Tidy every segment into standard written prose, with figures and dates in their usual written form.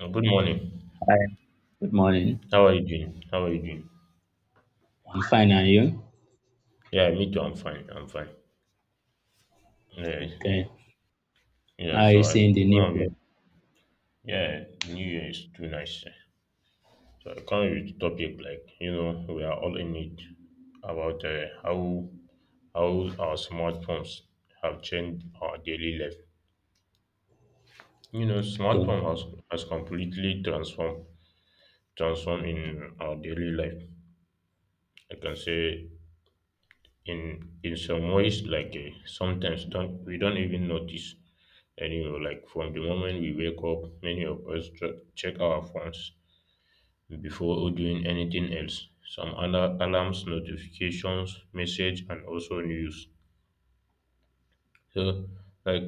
Good morning. Hi, good morning. How are you doing? I'm fine, and you? Yeah, me too. I'm fine. Yeah, Okay. yeah. How are So you I seeing the come new up with world? yeah. New Year is too nice, eh. So I come up with topic like we are all in it about how our smartphones have changed our daily life. You know, Okay. smartphone has completely transformed in our daily life. I can say in some ways, like sometimes don't we don't even notice. Anyway, like from the moment we wake up, many of us check our phones before doing anything else. Some other alarms, notifications, message, and also news. So, like,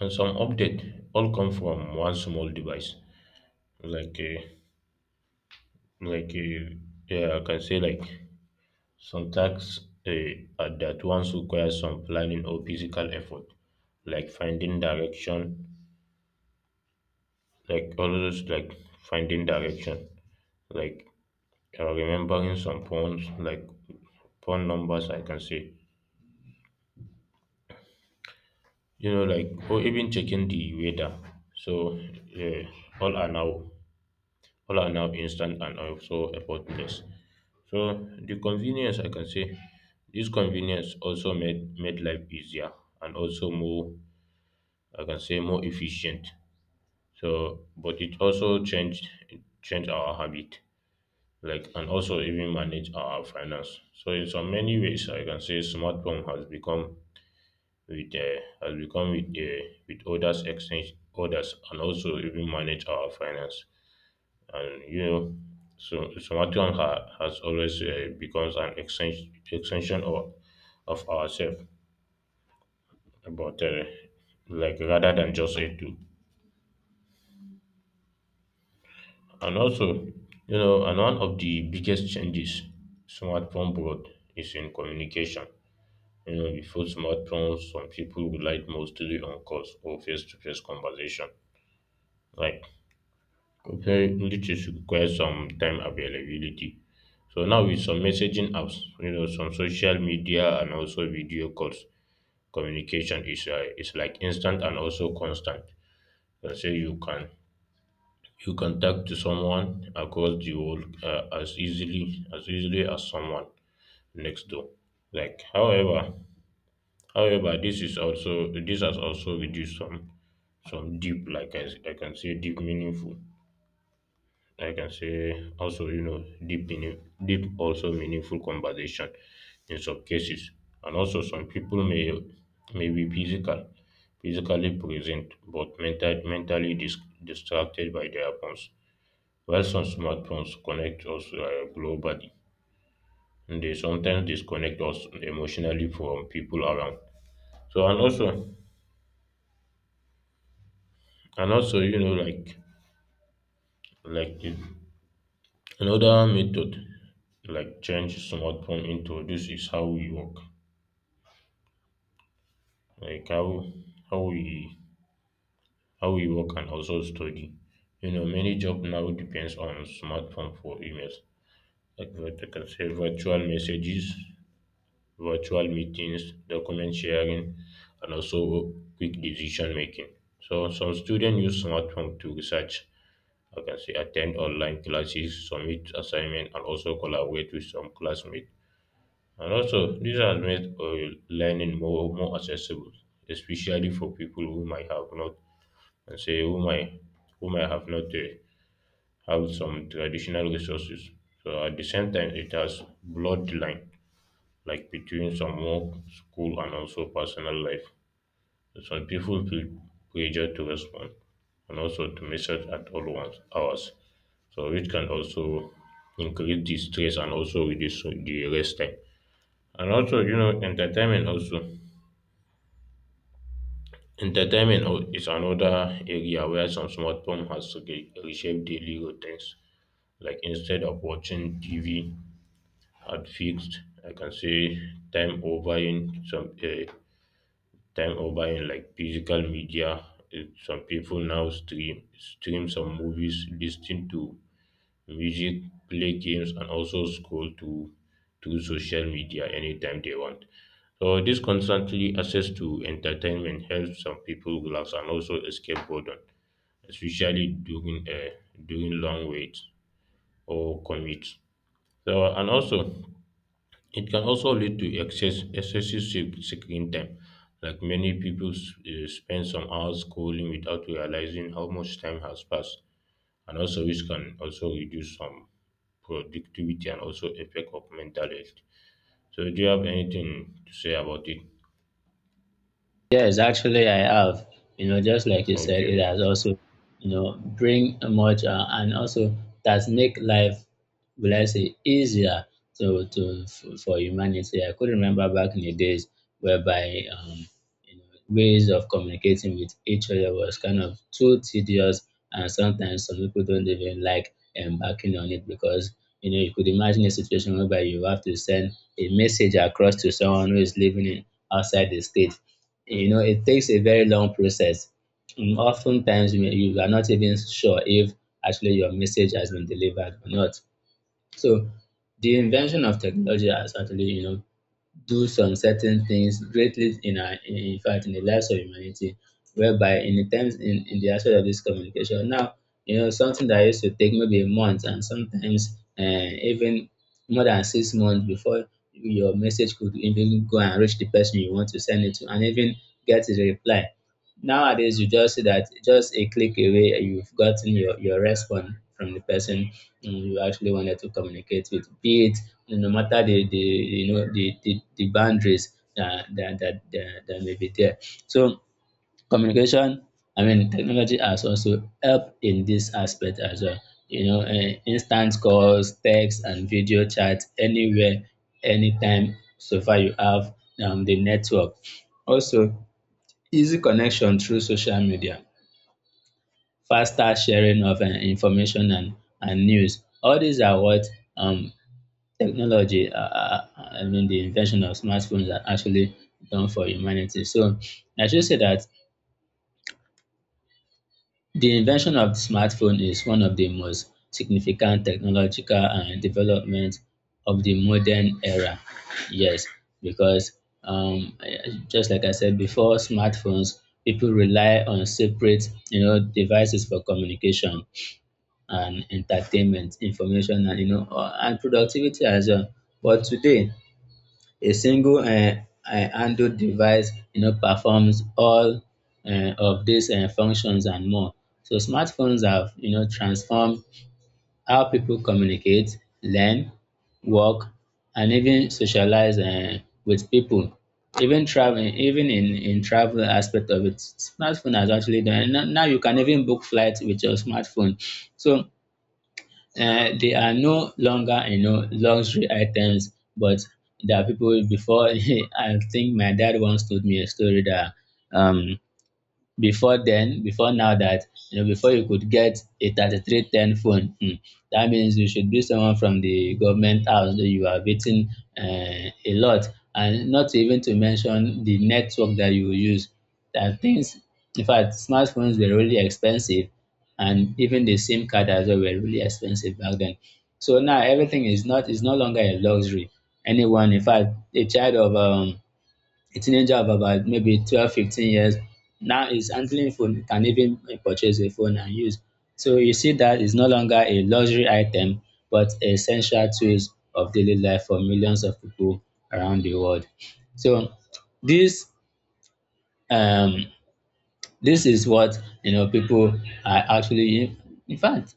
and some update all come from one small device. Like, uh, like, uh, yeah, I can say like some tasks are that once require some planning or physical effort, like finding direction, like always like finding direction, like or remembering some phones, like phone numbers, I can say, you know, like, or even checking the weather. So yeah, all are now instant and also effortless. So the convenience, I can say, this convenience also made life easier and also more, I can say, more efficient. So but it also changed our habit, like, and also even manage our finance. So in so many ways, I can say smartphone has become with as we come with others exchange orders and also even manage our finance. And you know, so Sumatran has always becomes an extension of ourselves, but like rather than just a tool. And also, you know, and one of the biggest changes smartphone brought is in communication. You know, before smartphones, some people relied mostly on calls or face-to-face conversation, like, comparing which requires some time availability. So now with some messaging apps, you know, some social media and also video calls, communication is like instant and also constant. So you can talk to someone across the world as easily as someone next door. Like, however, this is also this has also reduced some deep, like, I, can say, deep meaningful, I can say also, you know, deep also meaningful conversation in some cases. And also some people may be physically present, but mentally distracted by their phones. While some smartphones connect us globally, they sometimes disconnect us emotionally from people around. So and also, you know, like, like the, another method, like, change smartphone introduce is how we work. Like how we how we work and also study. You know, many job now depends on smartphone for emails, like, what I can say, virtual messages, virtual meetings, document sharing, and also quick decision making. So some students use smartphone to research. I can say attend online classes, submit assignment, and also collaborate with some classmates. And also, this has made learning more accessible, especially for people who might have not, and say, who might have not have some traditional resources. So at the same time, it has blurred the line, like, between some work, school, and also personal life. So some people feel pressure to respond and also to message at all once hours. So it can also increase the stress and also reduce the rest time. And also, you know, entertainment also. Is another area where some smartphone has reshaped daily routines. Like instead of watching TV at fixed, I can say, time over in some time over in like physical media. Some people now stream some movies, listen to music, play games, and also scroll to social media anytime they want. So this constantly access to entertainment helps some people relax and also escape boredom, especially during during long waits or commutes. So and also, it can also lead to excessive screen time. Like many people spend some hours scrolling without realizing how much time has passed, and also which can also reduce some productivity and also effect of mental health. So, do you have anything to say about it? Yes, actually, I have. You know, just like you said, it Okay. has also, you know, bring much and also does make life, will I say, easier for humanity. I could remember back in the days whereby you know, ways of communicating with each other was kind of too tedious, and sometimes some people don't even like embarking on it because you know you could imagine a situation whereby you have to send a message across to someone who is living in outside the state. You know it takes a very long process. Oftentimes you are not even sure if actually your message has been delivered or not. So the invention of technology has actually, you know, do some certain things greatly in our, in fact in the lives of humanity, whereby in the terms in the aspect of this communication now, you know, something that used to take maybe a month and sometimes even more than 6 months before your message could even go and reach the person you want to send it to and even get a reply. Nowadays you just see that just a click away and you've gotten your response from the person, mm, you actually wanted to communicate with, be it no matter the you know the boundaries that that may be there. So communication, I mean technology has also helped in this aspect as well. You know, instant calls, text and video chat anywhere, anytime, so far you have the network. Also, easy connection through social media, faster sharing of information and news. All these are what um, technology, I mean, the invention of smartphones are actually done for humanity. So I should say that the invention of the smartphone is one of the most significant technological and development of the modern era. Yes, because just like I said before, smartphones people rely on separate, you know, devices for communication and entertainment, information, and you know, and productivity as well. But today, a single handled device, you know, performs all of these functions and more. So smartphones have, you know, transformed how people communicate, learn, work, and even socialize with people. Even traveling, even in travel aspect of it, smartphone has actually done. Now, now you can even book flights with your smartphone. So they are no longer, you know, luxury items, but there are people before I think my dad once told me a story that um before then, before now that, you know, before you could get a 3310 phone, hmm, that means you should be someone from the government house that you have eaten a lot. And not even to mention the network that you will use. That things, in fact, smartphones were really expensive and even the SIM card as well were really expensive back then. So now everything is no longer a luxury. Anyone, in fact, a child of a teenager of about maybe 12, 15 years now is handling phone, can even purchase a phone and use. So you see that it's no longer a luxury item, but essential tools of daily life for millions of people around the world. So this um this is what you know people are actually in fact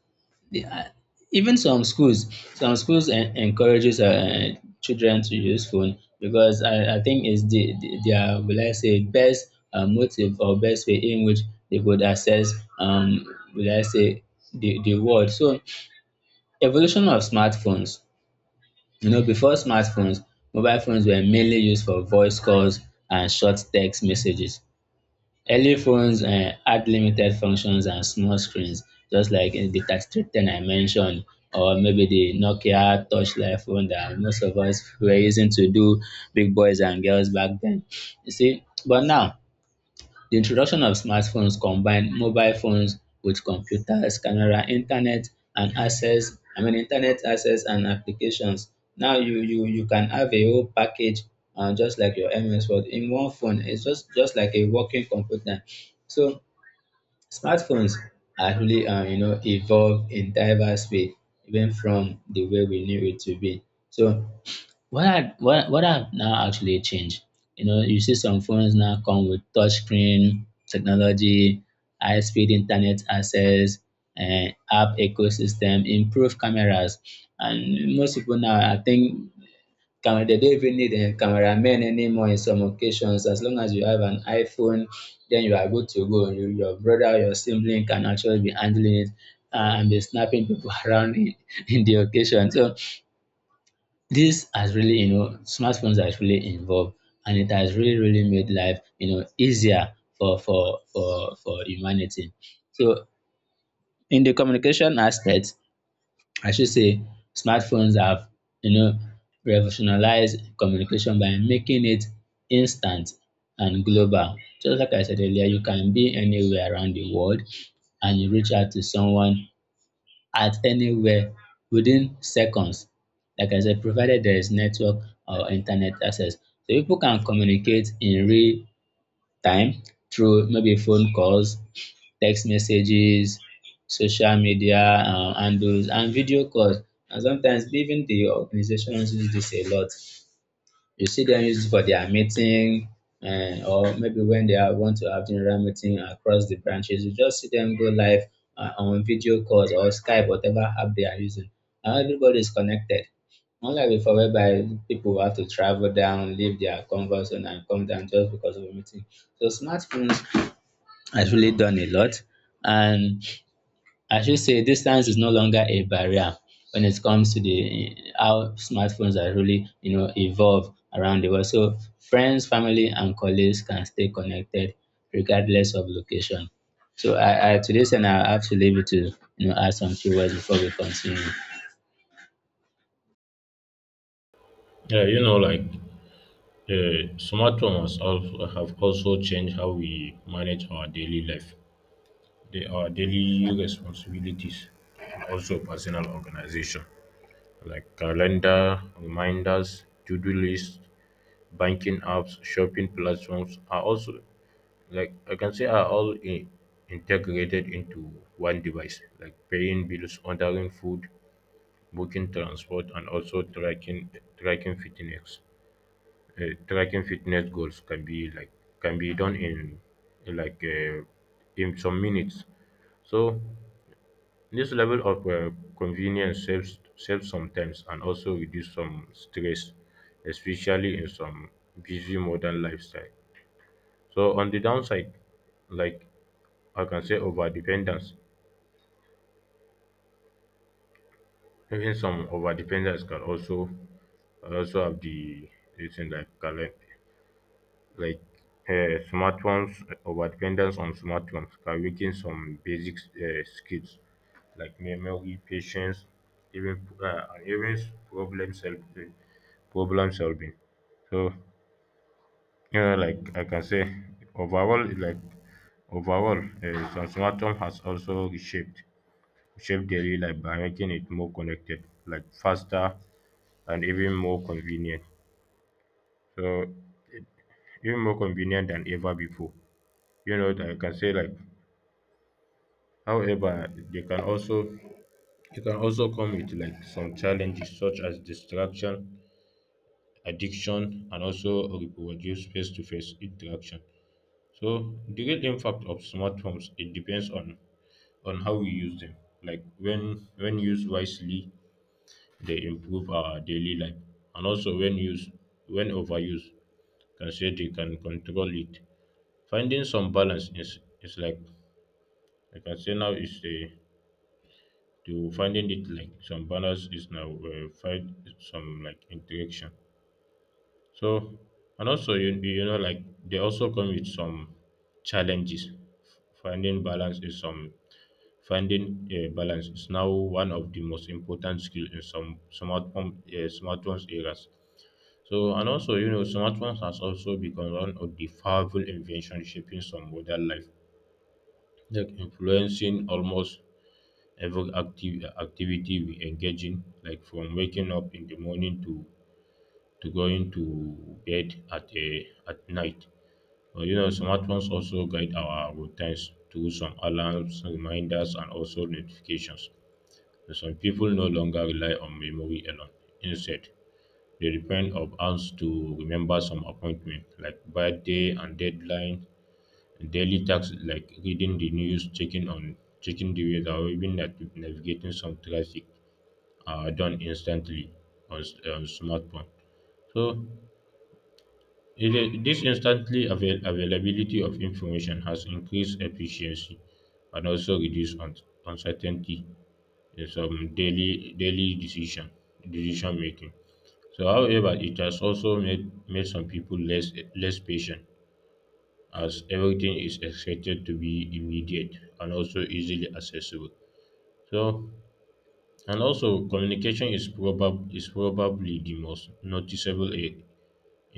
the- uh, even some schools, some schools encourages children to use phone because I think it's the their, will I say, best motive or best way in which they could access um will I say the world. So evolution of smartphones, you know, before smartphones mobile phones were mainly used for voice calls and short text messages. Early phones had limited functions and small screens, just like in the 3310 I mentioned, or maybe the Nokia touchlight phone that most of us were using to do big boys and girls back then. You see, but now the introduction of smartphones combined mobile phones with computers, camera, internet and access I mean internet access and applications. Now you can have a whole package just like your MS Word in one phone. It's just like a working computer. So smartphones actually you know evolve in diverse way even from the way we knew it to be. So what I what have now actually changed? You know, you see some phones now come with touchscreen technology, high-speed internet access, and app ecosystem, improved cameras, and most people now I think camera, they don't even need a cameraman anymore in some occasions. As long as you have an iPhone, then you are good to go. You, your brother, your sibling can actually be handling it and be snapping people around in the occasion. So this has really, you know, smartphones has really involved and it has really, really made life, you know, easier for humanity. So in the communication aspect, I should say smartphones have, you know, revolutionized communication by making it instant and global. Just like I said earlier, you can be anywhere around the world and you reach out to someone at anywhere within seconds. Like I said, provided there is network or internet access. So people can communicate in real time through maybe phone calls, text messages, social media handles and video calls. And sometimes even the organizations use this a lot. You see them used for their meeting and or maybe when want to have general meeting across the branches, you just see them go live on video calls or skype whatever app they are using. Now everybody is connected, unlike before whereby people have to travel down, leave their comfort zone and come down just because of a meeting. So smartphones has really done a lot, and I should say distance is no longer a barrier when it comes to the how smartphones are really, you know, evolve around the world. So friends, family, and colleagues can stay connected regardless of location. So I to this and I have to leave it to you know add some few words before we continue. Yeah, you know, like, smartphones also have also changed how we manage our daily life, our daily responsibilities, and also personal organization. Like calendar reminders, to-do lists, banking apps, shopping platforms are also like, I can say, are all in, integrated into one device, like paying bills, ordering food, booking transport, and also tracking fitness tracking fitness goals can be like can be done in like in some minutes. So this level of convenience saves some time and also reduce some stress, especially in some busy modern lifestyle. So on the downside, like, I can say over dependence. Even some over dependence can also have the this thing like current like smartphones over dependence on smartphones can weaken some basic skills like memory, patience, even and even problem solving problem solving. So you know, like, I can say, overall, Transformatum has also reshaped shaped daily life by making it more connected, like faster and even more convenient. So even more convenient than ever before. You know, I can say, like, however, they can also, it can also come with like some challenges such as distraction, addiction, and also reproduce face-to-face interaction. So the real impact of smartphones, it depends on how we use them. Like when used wisely, they improve our daily life, and also when used, when overused, can say they can control it. Finding some balance is like, I can say, now is the, to finding it like some balance is now find some like interaction. So and also, you know, like, they also come with some challenges. Finding balance is some Finding a balance is now one of the most important skills in some smartphone smartphones eras. So and also, you know, smartphones has also become one of the powerful inventions shaping some modern life, like influencing almost every active activity we engage in, like from waking up in the morning to going to bed at a at night. But, you know, smartphones also guide our routines through some alarms, reminders, and also notifications. Some people no longer rely on memory alone. Instead, they depend on apps to remember some appointments like birthday and deadline, and daily tasks like reading the news, checking the weather, or even navigating some traffic are done instantly on smartphone. So this instantly availability of information has increased efficiency and also reduced uncertainty in some daily decision making. So however, it has also made some people less patient as everything is expected to be immediate and also easily accessible. So and also, communication is probab is probably the most noticeable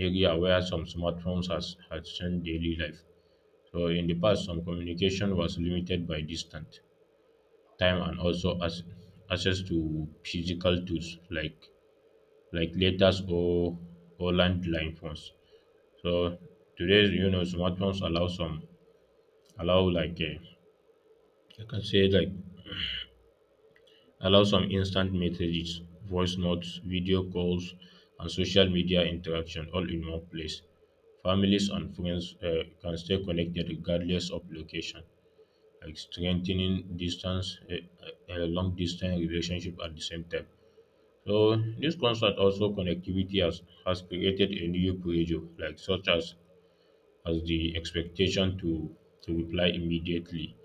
area where some smartphones has changed daily life. So in the past, some communication was limited by distance, time, and also access to physical tools like letters or landline phones. So today's, you know, smartphones allow some, allow like, I can say like allow some instant messages, voice notes, video calls, and social media interaction all in one place. Families and friends can stay connected regardless of location, like strengthening long distance relationship at the same time. So this concert also connectivity has created a new pressure, like such as the expectation to reply immediately.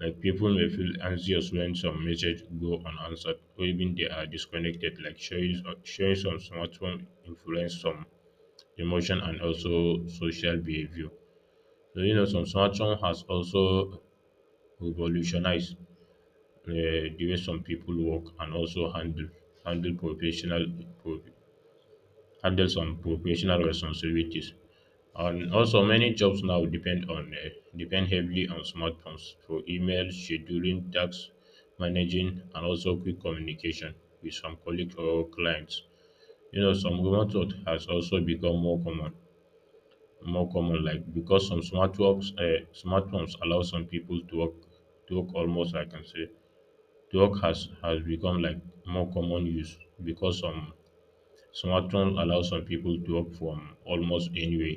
Like people may feel anxious when some message go unanswered or even they are disconnected, like showing some smartphone influence some emotion and also social behavior. So you know some smartphone has also revolutionized uh, the way some people work and also handle handle professional pro, handle some professional responsibilities. And also, many jobs now depend on depend heavily on smartphones for email, scheduling tasks, managing, and also quick communication with some colleagues or clients. You know, some remote work has also become more common, like because smartphones allow some people to work almost, I can say, to work has become like more common use because some smartphones allow some people to work from almost anywhere.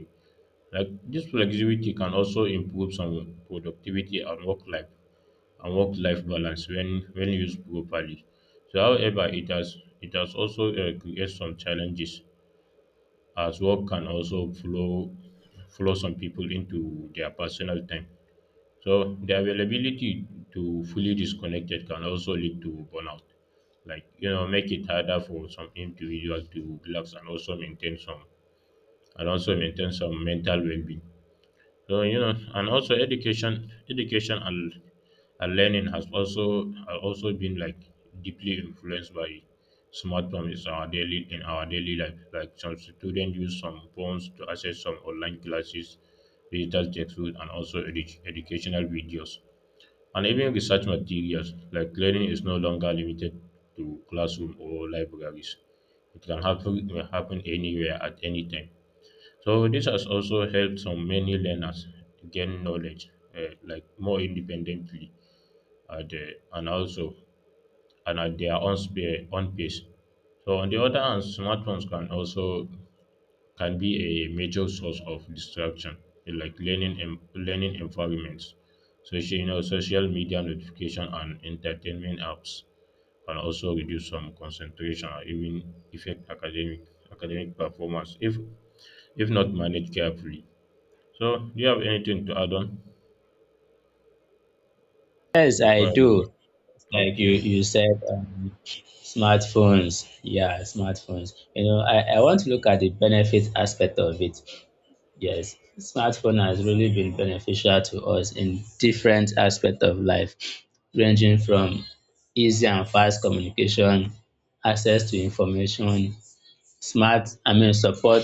Like this flexibility can also improve some productivity and work life balance when used properly. So, however, it has also created some challenges, as work can also flow some people into their personal time. So the availability to fully disconnected can also lead to burnout, like, you know, make it harder for some individuals to relax and also maintain some mental well-being. So you know, and also education, and learning has also have also been like deeply influenced by smartphones in our daily life. Like some students use some phones to access some online classes, digital textbooks, and also educational videos, and even research materials. Like learning is no longer limited to classroom or libraries; it can happen anywhere at any time. So this has also helped some many learners gain knowledge like more independently at, and also and at their own, own pace. So on the other hand, smartphones can also can be a major source of distraction, like learning learning environments. Social, you know, social media notification and entertainment apps can also reduce some concentration or even affect academic performance if not managed carefully. So, do you have anything to add on Yes, before I I move on? do. Like Okay, you okay. you said, smartphones. Yeah, smartphones. You know, I want to look at the benefit aspect of it. Yes, smartphone has really been beneficial to us in different aspects of life, ranging from easy and fast communication, access to information, smart, I mean support,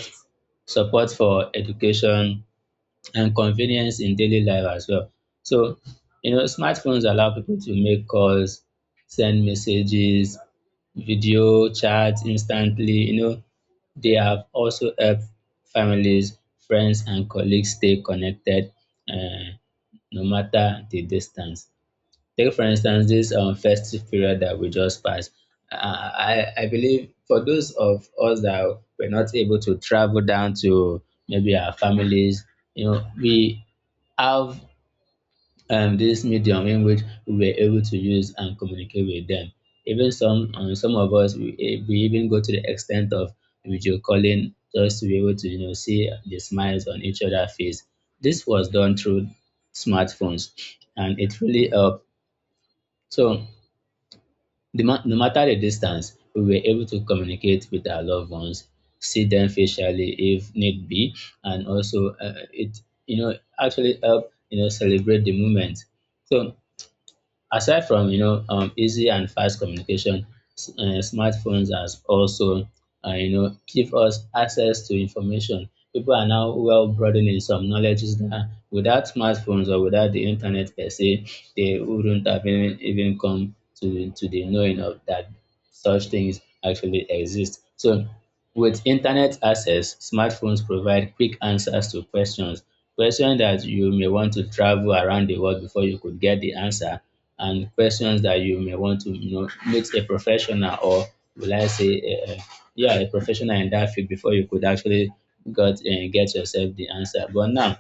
support for education, and convenience in daily life as well. So, you know, smartphones allow people to make calls, send messages, video chats instantly. You know, they have also helped families, friends, and colleagues stay connected, uh, no matter the distance. Take for instance this festive period that we just passed. Uh, I I believe for those of us that were not able to travel down to maybe our families, you know, we have this medium in which we were able to use and communicate with them. Even some of us we even go to the extent of video calling just to be able to you know see the smiles on each other's face. This was done through smartphones, and it really helped. So no matter the distance, we were able to communicate with our loved ones, see them facially if need be, and also it, you know, actually help you know celebrate the moment. So aside from you know easy and fast communication, smartphones has also you know give us access to information. People are now well broadening some knowledges that without smartphones or without the internet per se, they wouldn't have even come to the knowing of that such things actually exist. So with internet access, smartphones provide quick answers to questions, questions that you may want to travel around the world before you could get the answer, and questions that you may want to you know meet a professional or will I say, yeah, a professional in that field before you could actually got get yourself the answer. But now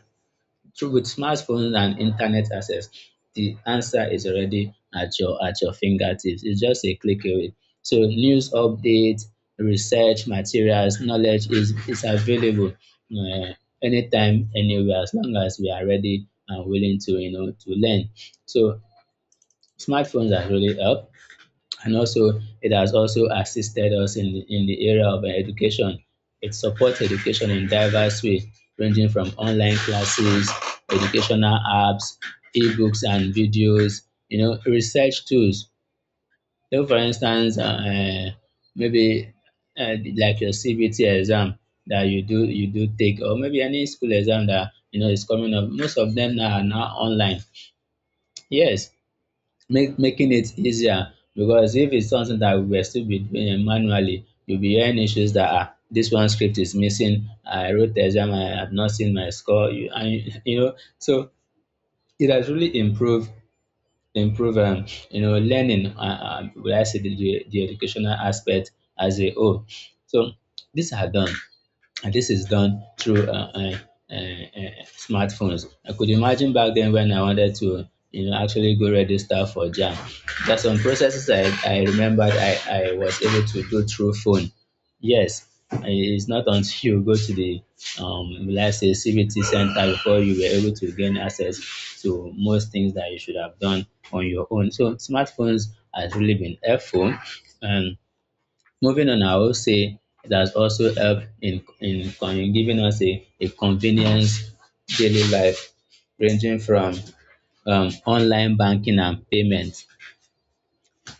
so with smartphones and internet access, the answer is already at your fingertips. It's just a click away. So news updates, research materials, knowledge is available, uh, anytime, anywhere, as long as we are ready and willing to you know to learn. So smartphones has really helped, and also it has also assisted us in the area of education. It supports education in diverse ways, ranging from online classes, educational apps, ebooks and videos, you know, research tools. So for instance, maybe like your CBT exam that you do take, or maybe any school exam that you know is coming up. Most of them now are now online. Yes, make making it easier because if it's something that we are still be doing manually, you'll be hearing issues that ah, this one script is missing. I wrote the exam, I have not seen my score. So it has really improved improve learning. Will I say the educational aspect as a whole? So these are done and this is done through smartphones. I could imagine back then when I wanted to, you know, actually go register for JAM. There's some processes I remembered I was able to do through phone. Yes, it's not until you go to let's say, CBT center before you were able to gain access to most things that you should have done on your own. So smartphones has really been helpful. And moving on, I will say it has also helped in giving us a convenience daily life ranging from online banking and payments.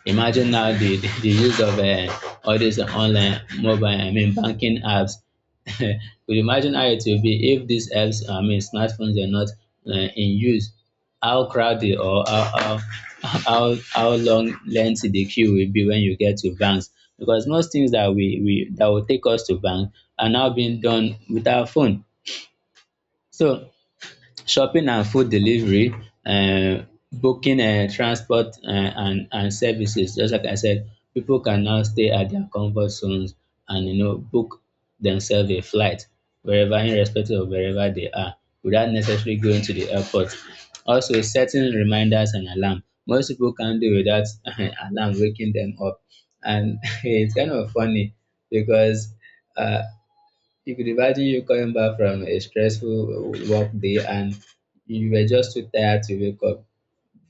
Imagine now the use of all these online mobile, I mean, banking apps. Could you imagine how it will be if these apps, I mean, smartphones are not in use. How crowded or how long lengthy the queue will be when you get to banks. Because most things that we that will take us to bank are now being done with our phone. So shopping and food delivery, um, booking transport and services, just like I said, people can now stay at their comfort zones and you know book themselves a flight, wherever, irrespective of wherever they are, without necessarily going to the airport. Also setting reminders and alarm. Most people can't do without alarm waking them up, and it's kind of funny because um you could imagine you coming back from a stressful work day and you were just too tired to wake up.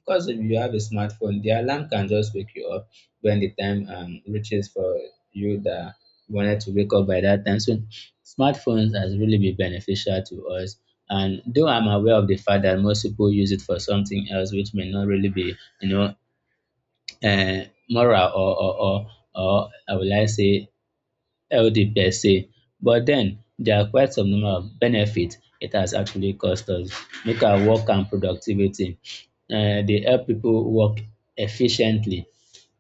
Because if you have a smartphone, the alarm can just wake you up when the time reaches for you that you wanted to wake up by that time. So smartphones has really been beneficial to us. And though I'm aware of the fact that most people use it for something else, which may not really be, you know, moral or I would like say healthy per se. But then there are quite some number of benefits it has actually cost us. Make our work and productivity. They help people work efficiently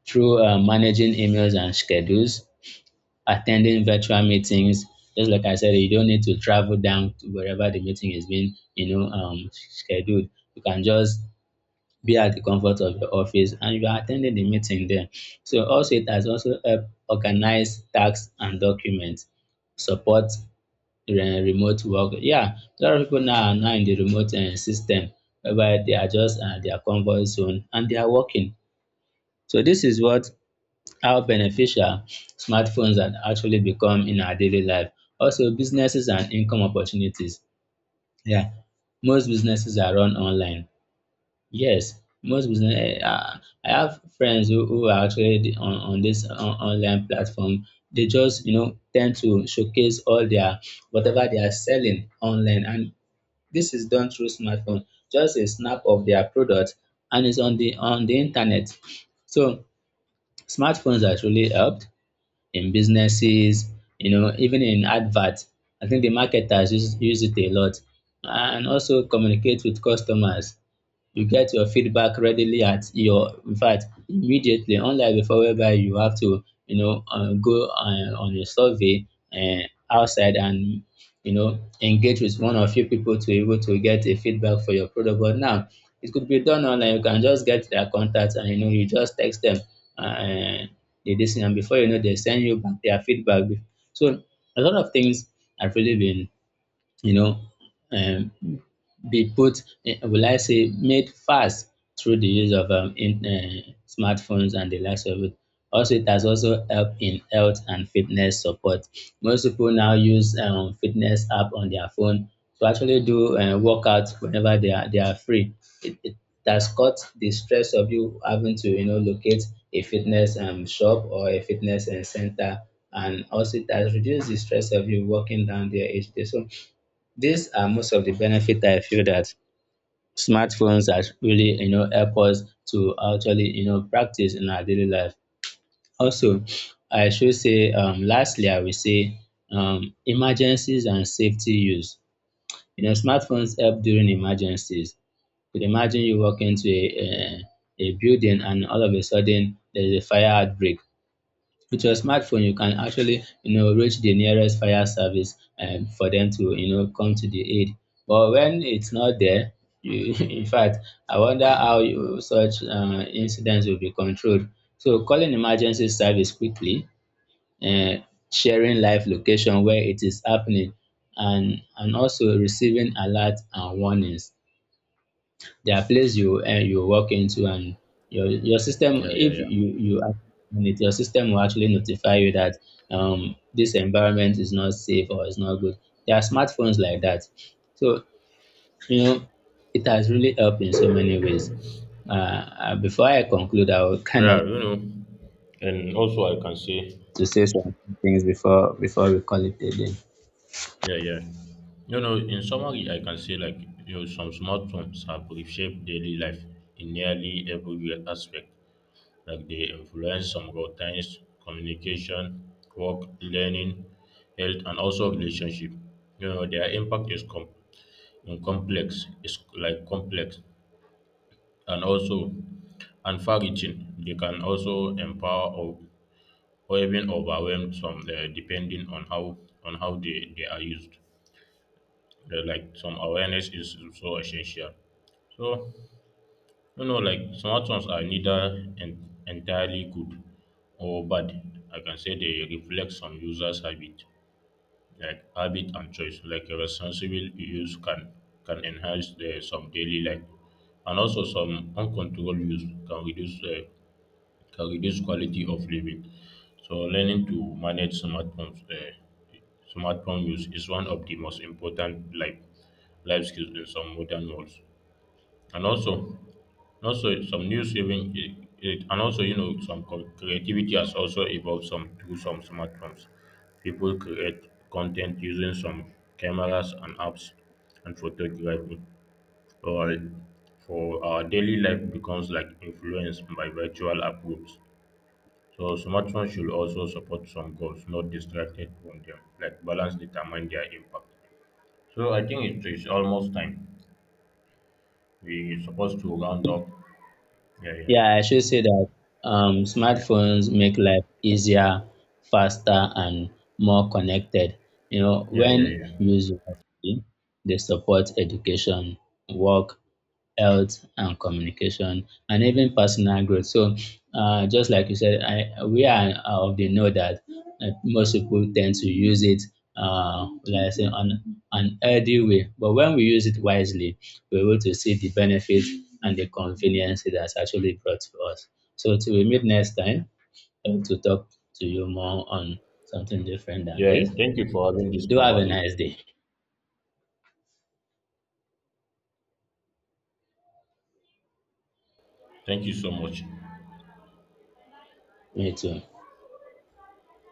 through managing emails and schedules, attending virtual meetings. Just like I said, you don't need to travel down to wherever the meeting is being, you know, scheduled. You can just be at the comfort of your office and you are attending the meeting there. So also it has also helped organize tasks and documents, support remote work. Yeah, a lot of people now are now in the remote system whereby they are just at their comfort zone and they are working. So this is what how beneficial smartphones have actually become in our daily life. Also businesses and income opportunities. Yeah, most businesses are run online. Yes, most business. I have friends who are actually online platform. They just you know tend to showcase all their whatever they are selling online, and this is done through smartphone. Just a snap of their product, and it's on the internet. So smartphones has really helped in businesses. You know, even in adverts, I think the marketers use it a lot, and also communicate with customers. You get your feedback readily at your, in fact, immediately, unlike before whereby you have to you know go on a survey uh, outside, and you know engage with one or few people to be able to get a feedback for your product. But now it could be done online, you can just get their contact and you know you just text them uh, the this thing, and before you know they send you back their feedback. So a lot of things have really been you know, um, be put, will I say, made fast through the use of smartphones and the likes of it. Also, it has also helped in health and fitness support. Most people now use fitness app on their phone to actually do workouts whenever they are free. It has cut the stress of you having to you know locate a fitness shop or a fitness center, and also it has reduced the stress of you walking down there each day. So these are most of the benefit I feel that smartphones are really, you know, help us to actually, you know, practice in our daily life. Also, I should say, lastly, I will say, emergencies and safety use. You know, smartphones help during emergencies. Could imagine you walk into a building and all of a sudden there is a fire outbreak. With your smartphone, you can actually, you know, reach the nearest fire service and for them to, you know, come to the aid. But when it's not there, you, in fact, I wonder how you, such incidents will be controlled. So calling emergency service quickly, uh, sharing live location where it is happening, and also receiving alert and warnings. There are places you walk into and your system, Yeah, yeah, if you yeah. you act on it, your system will actually notify you that this environment is not safe or is not good. There are smartphones like that. So you know it has really helped in so many ways. Before I conclude, I will kind of Yeah, like you know, and also I can say, to say some things before we call it a day. yeah, yeah. You know, in summary, I can say, like, you know, some smartphones have reshaped daily life in nearly every real aspect. Like they influence some routines, communication, work, learning, health, and also relationship. You know, their impact is complex. It's like complex, and also and far-reaching. They can also empower or even overwhelm some, depending on how they are used. Like some awareness is so essential. So you know, like smartphones are neither entirely good or bad. I can say they reflect some users' habit, like habit and choice. Like a responsible use can enhance some daily life, and also some uncontrolled use can reduce quality of living. So learning to manage smartphones, smartphone use is one of the most important life skills in some modern worlds. And also, also some new saving, and also you know some creativity has also evolved some through some smartphones. People create content using some cameras and apps and photography. Or for our daily life becomes like influenced by virtual approach, so smartphones should also support some goals, not distracted from them, like balance determine their impact. So I think it is almost time. We supposed to round up. Yeah, yeah. Yeah, I should say that smartphones make life easier, faster, and more connected. You know, Yeah, yeah, when yeah. used wisely, they support education, work, health and communication and even personal growth. So just like you said, I, we are of the know that most people tend to use it, like I say, on an healthy way. But when we use it wisely, we're able to see the benefit and the convenience it has actually brought to us. So till we meet next time, I hope to talk to you more on something different than Yeah, this. thank you for having this Do have a conversation. nice day. Thank you so much. Me too.